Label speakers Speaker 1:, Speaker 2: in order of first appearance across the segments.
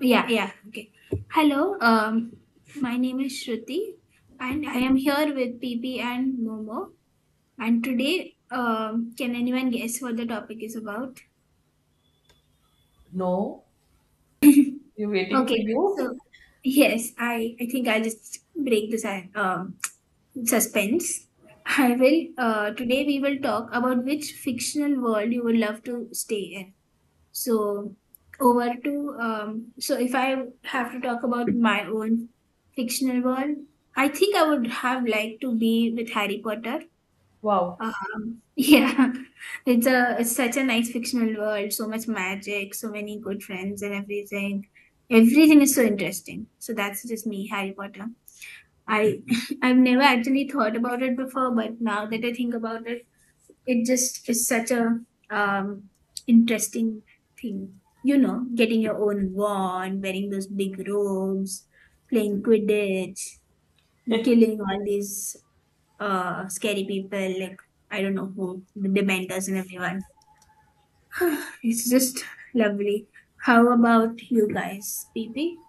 Speaker 1: Yeah, yeah. Okay. Hello. My name is Shruti, and I am here with P P and Momo. And today, can anyone guess what the topic is about?
Speaker 2: No, we're waiting for
Speaker 1: Okay. So,
Speaker 2: you.
Speaker 1: yes, I think I'll just break this suspense. I will. Today we will talk about which fictional world you would love to stay in. So so if I have to talk about my own fictional world, I think I would have liked to be with Harry Potter.
Speaker 2: Wow.
Speaker 1: Yeah, it's such a nice fictional world. So much magic, so many good friends, and everything. Everything is so interesting. So that's just me, Harry Potter. I I've never actually thought about it before, but now that I think about it, it just is such a um, interesting thing, getting your own wand, wearing those big robes, playing quidditch, killing all these scary people like, I don't know who, the dementors and everyone. It's just lovely. How about you guys, pp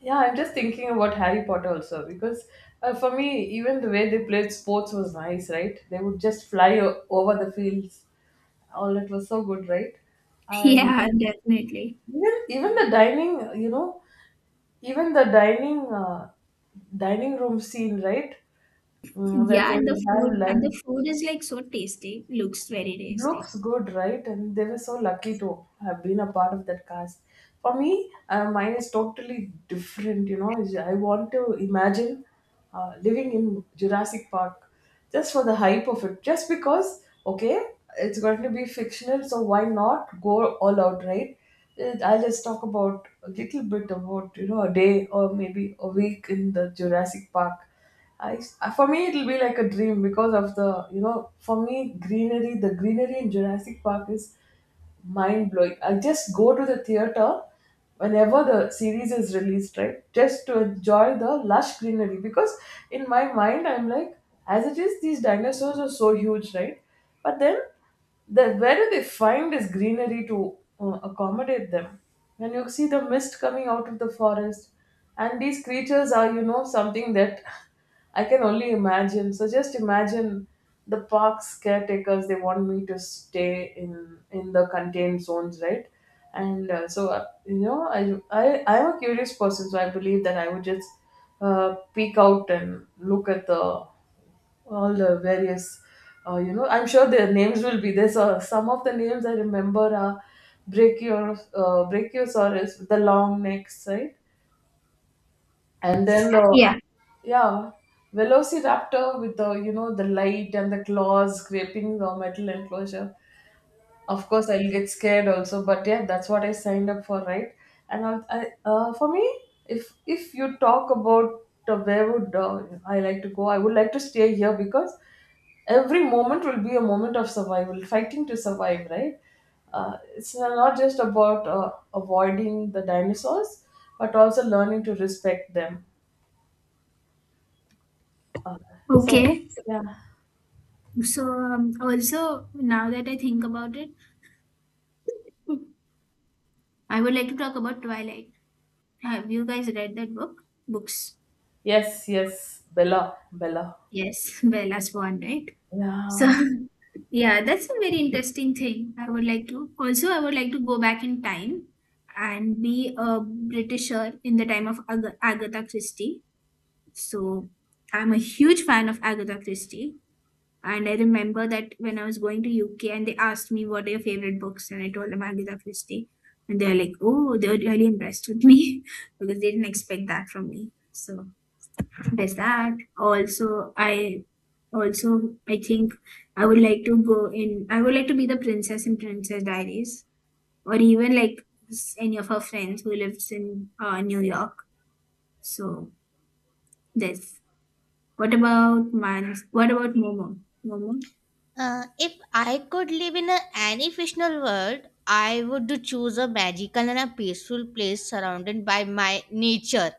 Speaker 2: Yeah, I'm just thinking about Harry Potter also because for me, even the way they played sports was nice, right? They would just over the fields. All that was so good, right? And
Speaker 1: yeah, definitely.
Speaker 2: even the dining, you know, even the dining room scene, right? Mm, where
Speaker 1: Yeah,
Speaker 2: they
Speaker 1: and the
Speaker 2: would have
Speaker 1: food and the
Speaker 2: lunch.
Speaker 1: food is like so tasty, looks very tasty.
Speaker 2: Looks good, right? And they were so lucky to have been a part of that cast. For me, mine is totally different. You know, I want to imagine living in Jurassic Park, just for the hype of it. Just because, okay, it's going to be fictional, so why not go all out, right? I'll just talk about a little bit about, you know, a day or maybe a week in the Jurassic Park. I, for me, it'll be like a dream because of the, you know, for me, greenery, the greenery in Jurassic Park is mind blowing. I just go to the theater whenever the series is released, right? Just to enjoy the lush greenery because in my mind, I'm like, as it is, these dinosaurs are so huge, right? But then, the, where do they find this greenery to accommodate them? And you see the mist coming out of the forest, and these creatures are, you know, something that I can only imagine. So just imagine the park's caretakers. They want me to stay in the contained zones, right? And you know, I'm a curious person, so I believe that I would just peek out and look at the all the various you know, I'm sure their names will be there, so some of the names I remember are brachiosaurus with the long necks, right? And then the,
Speaker 1: Yeah.
Speaker 2: yeah, velociraptor with, the you know, the light and the claws scraping the metal enclosure. Of course I'll get scared also, but yeah, that's what I signed up for, right? And I'll, I for me, if you talk about where would I like to go, I would like to stay here because every moment will be a moment of survival, fighting to survive, right? It's not just about avoiding the dinosaurs, but also learning to respect them. Uh, so,
Speaker 1: Okay.
Speaker 2: yeah.
Speaker 1: So also now that I think about it, I would like to talk about Twilight. Have you guys read that book? Books.
Speaker 2: Yes, yes, Bella, Bella,
Speaker 1: Yes, Bella Swan, right? So
Speaker 2: yeah.
Speaker 1: yeah, that's a very interesting thing. I would like to also I would like to go back in time and be a Britisher in the time of Agatha Christie. So I'm a huge fan of Agatha Christie. And I remember that when I was going to UK and they asked me what are your favorite books, and I told them Agatha Christie, and they're like, "Oh, they're really impressed with me because they didn't expect that from me." So there's that. Also, I think I would like to go in. I would like to be the princess in Princess Diaries, or even like any of her friends who lives in New York. So there's. What about man? What about Momo? Momo?
Speaker 3: If I could live in a, any fictional world, I would do choose a magical and a peaceful place surrounded by my nature.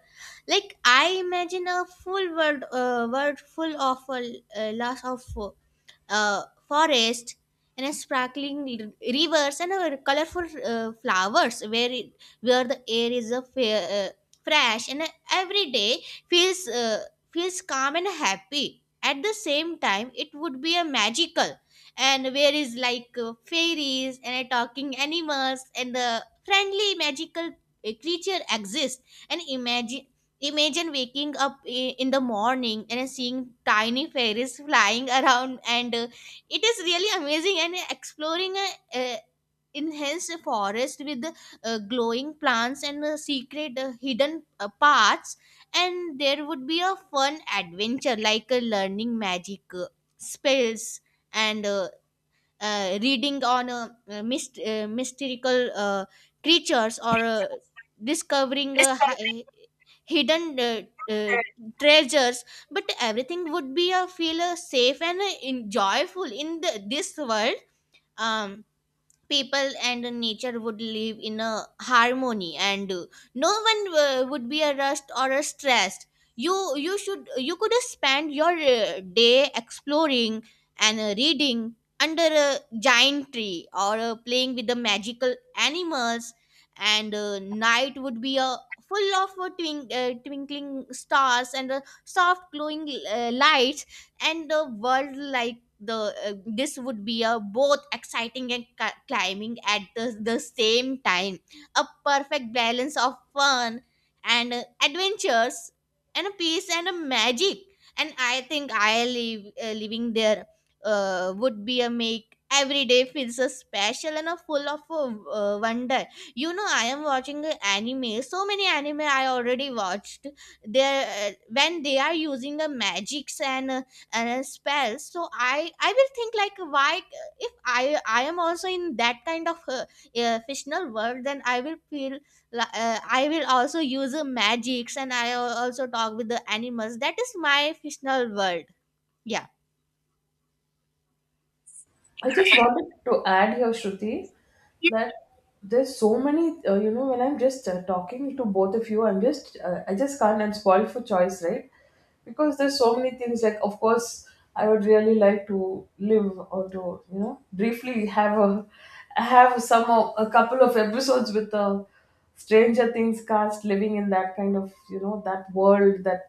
Speaker 3: Like I imagine a full world, world full of lots of a forest and a sparkling rivers and a colorful flowers where it, where the air is a fair, fresh and every day feels feels calm and happy at the same time. It would be a magical, and where is like fairies and talking animals and the friendly magical creature exist. And imagine waking up in the morning and seeing tiny fairies flying around, and it is really amazing. And exploring a, uh enhanced forest with glowing plants and secret hidden paths, and there would be a fun adventure like learning magic spells and reading on mystical creatures or discovering hidden uh, treasures, but everything would be feel safe and joyful in this world. um, People and nature would live in a harmony, and no one would be a rushed or a stressed. You could spend your day exploring and reading under a giant tree or playing with the magical animals, and night would be a full of twinkling stars and soft glowing lights. And the world like the this would be a both exciting and climbing at the same time, a perfect balance of fun and adventures and a peace and a magic. And I think I live living there would be a make every day feels a special and a full of wonder. You know, I am watching a anime, so many anime I already watched there, when they are using the magics and spells. So I will think like, why if I am also in that kind of fictional world, then I will feel I will also use magics and I also talk with the animals. That is my fictional world. Yeah.
Speaker 2: I just wanted to add here, Shruti, that there's so many, you know, when I'm just talking to both of you, I'm just I just can't, I'm spoiled for choice, right? Because there's so many things, like of course I would really like to live, or to, you know, briefly have a, have some a couple of episodes with the Stranger Things cast, living in that kind of, you know, that world that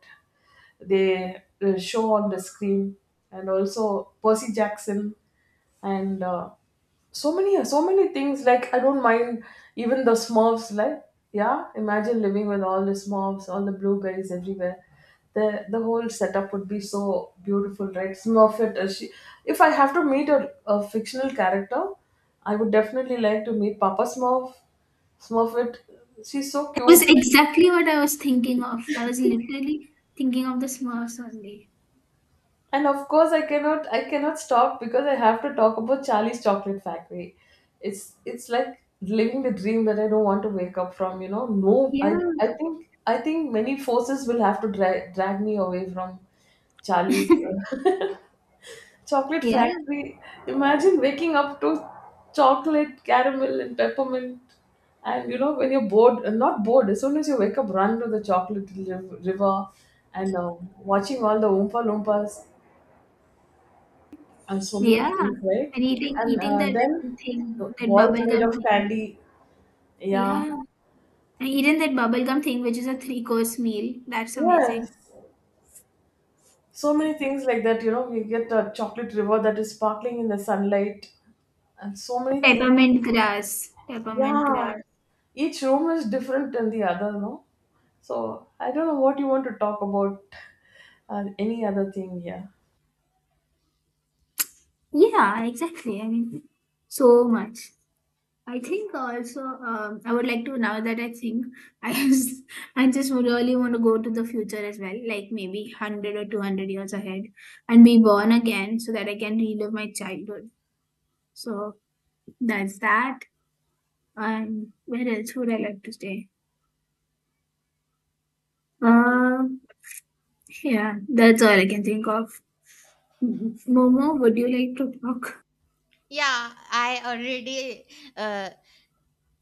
Speaker 2: they show on the screen. And also Percy Jackson, and so many, so many things, like I don't mind even the Smurfs. Like, yeah, imagine living with all the Smurfs, all the blueberries everywhere. The whole setup would be so beautiful, right? Smurfette, she, if I have to meet a fictional character, I would definitely like to meet Papa Smurf, Smurfette. She's so
Speaker 1: It was
Speaker 2: cute.
Speaker 1: exactly what I was thinking of. I was literally thinking of the small Sunday.
Speaker 2: And of course I cannot, I cannot stop because I have to talk about Charlie's Chocolate Factory. It's like living the dream that I don't want to wake up from, you know. No,
Speaker 1: Yeah.
Speaker 2: I think I think many forces will have to drag me away from Charlie's Chocolate
Speaker 1: Yeah.
Speaker 2: Factory. Imagine waking up to chocolate, caramel and peppermint. And you know, when you're bored, not bored as soon as you wake up, run to the river, and watching all the Oompa Loompas, and so many
Speaker 1: Yeah.
Speaker 2: things, right?
Speaker 1: And eating
Speaker 2: And
Speaker 1: eating that
Speaker 2: then
Speaker 1: thing,
Speaker 2: the
Speaker 1: that
Speaker 2: walls made
Speaker 1: bubblegum
Speaker 2: of
Speaker 1: thing.
Speaker 2: candy. Yeah.
Speaker 1: Yeah. And eating that bubblegum thing, which is a three-course meal. That's amazing.
Speaker 2: Yes, so many things like that. You know, we get a chocolate river that is sparkling in the sunlight, and so many things.
Speaker 1: Peppermint grass. Peppermint
Speaker 2: Yeah,
Speaker 1: grass.
Speaker 2: each room is different than the other, no? So I don't know what you want to talk about. Any other thing? Yeah,
Speaker 1: Yeah, exactly. I mean, so much. I think also I would like to now that I think I just, I just would really want to go to the future as well, like maybe 100 or 200 years ahead, and be born again so that I can relive my childhood. So that's that. And where else would I like to stay?
Speaker 3: Okay.
Speaker 1: Um, yeah, that's all I can think of. Momo, would you like to talk?
Speaker 3: Yeah, I already uh,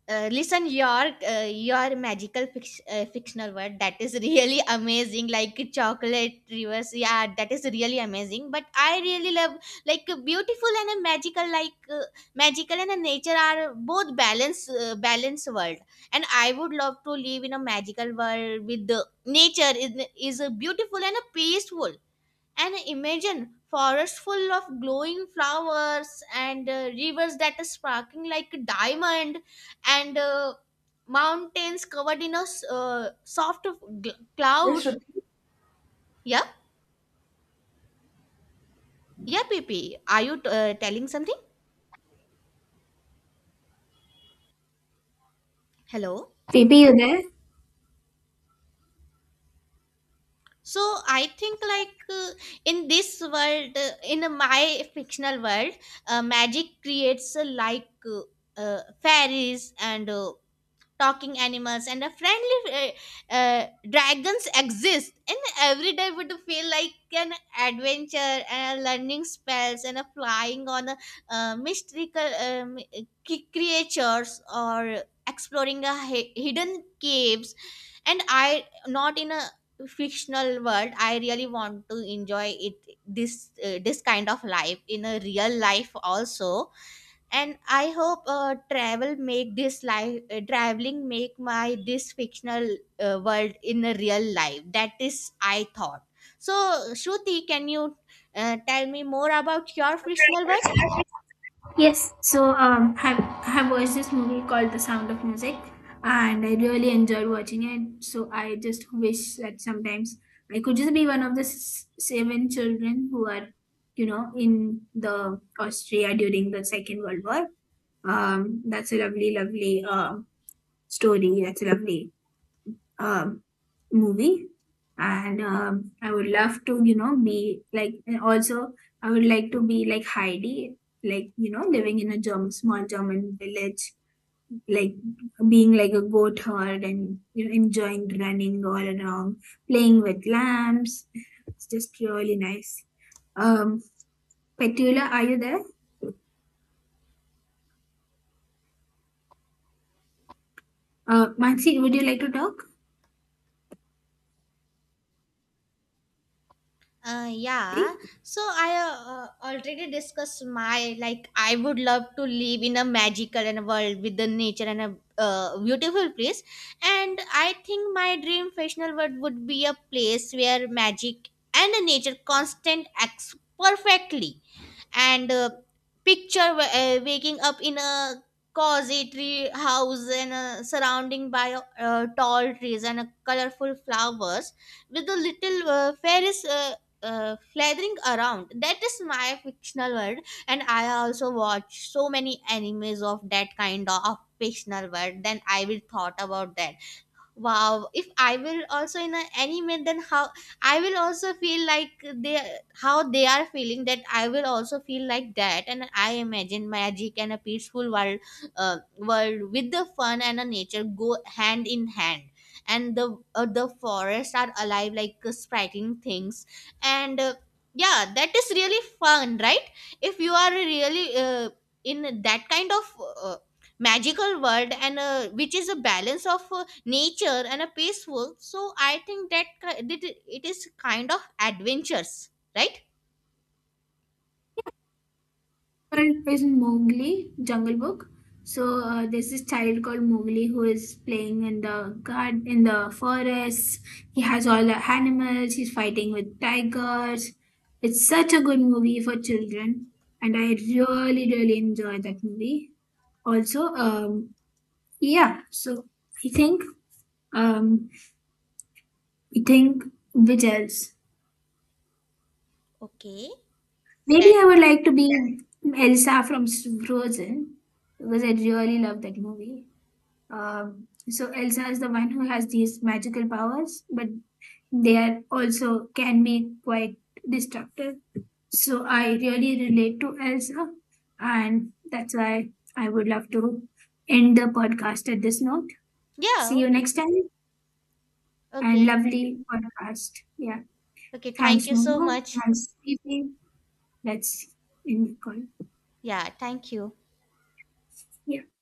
Speaker 3: Listen, your magical fictional word, that is really amazing, like chocolate rivers. Yeah, that is really amazing. But I really love like beautiful and a magical, like magical and a nature are both balance balance world. And I would love to live in a magical world with the nature is beautiful and a peaceful. And imagine forests full of glowing flowers and rivers that are sparkling like a diamond, and mountains covered in a soft of
Speaker 2: I
Speaker 3: clouds.
Speaker 2: should.
Speaker 3: Yeah, yeah, P P. Are you telling something? Hello.
Speaker 1: P P, you there?
Speaker 3: So I think like, in this world, in my fictional world, magic creates fairies and talking animals and a friendly dragons exist, and every day would feel like an adventure and a learning spells and a flying on a mystical creatures or exploring a hidden caves. And I, not in a fictional world, I really want to enjoy it, this this kind of life in a real life also. And I hope traveling make my this fictional world in a real life. That is I thought. So Shruti, can you tell me more about your fictional world?
Speaker 1: Yes, so I watched this movie called The Sound of Music, and I really enjoyed watching it. So I just wish that sometimes I could just be one of the seven children who are, in the Austria during the Second World War. That's a lovely, lovely story. That's a lovely um, movie, and I would love to be like, and also I would like to be like Heidi, like living in a german small german village, like being like a goat herd, and enjoying running all around, playing with lambs. It's just really nice. um Petula, are you there? Mansi, would you like to talk?
Speaker 3: Yeah. So I already discussed my, like I would love to live in a magical and a world with the nature and a beautiful place, and I think my dream fictional world would be a place where magic and nature constant acts perfectly and picture waking up in a cozy tree house and surrounding by tall trees and colorful flowers with the little fairies flathering around. That is my fictional world. And I also watch so many animes of that kind of fictional world, then I will thought about that. Wow, if I will also in an anime, then how I will also feel like they, how they are feeling, that I will also feel like that. And I imagine magic and a peaceful world, world with the fun and a nature go hand in hand, and the forests are alive like spriting things, and yeah, that is really fun, right? If you are really in that kind of magical world and which is a balance of nature and a peaceful. So I think that that it is kind of adventures, right?
Speaker 1: Current is Mowgli, Jungle Book. So there's this child called Mowgli who is playing in the garden, in the forest. He has all the animals. He's fighting with tigers. It's such a good movie for children, and I really, really enjoy that movie. Also, yeah. So I think, um, I think, which else?
Speaker 3: Okay.
Speaker 1: Maybe
Speaker 3: That.
Speaker 1: I would like to be Elsa from Frozen because I really love that movie. So Elsa is the one who has these magical powers, but they are also can be quite destructive. So I really relate to Elsa, and that's why I would love to end the podcast at this note.
Speaker 3: Yeah.
Speaker 1: See you
Speaker 3: Okay.
Speaker 1: next time, and
Speaker 3: Okay.
Speaker 1: lovely podcast. Yeah,
Speaker 3: Okay, thank
Speaker 1: thanks,
Speaker 3: you so
Speaker 1: Momo.
Speaker 3: much.
Speaker 1: Thanks, Fifi. Let's end the call.
Speaker 3: Yeah, thank you.
Speaker 1: Yeah.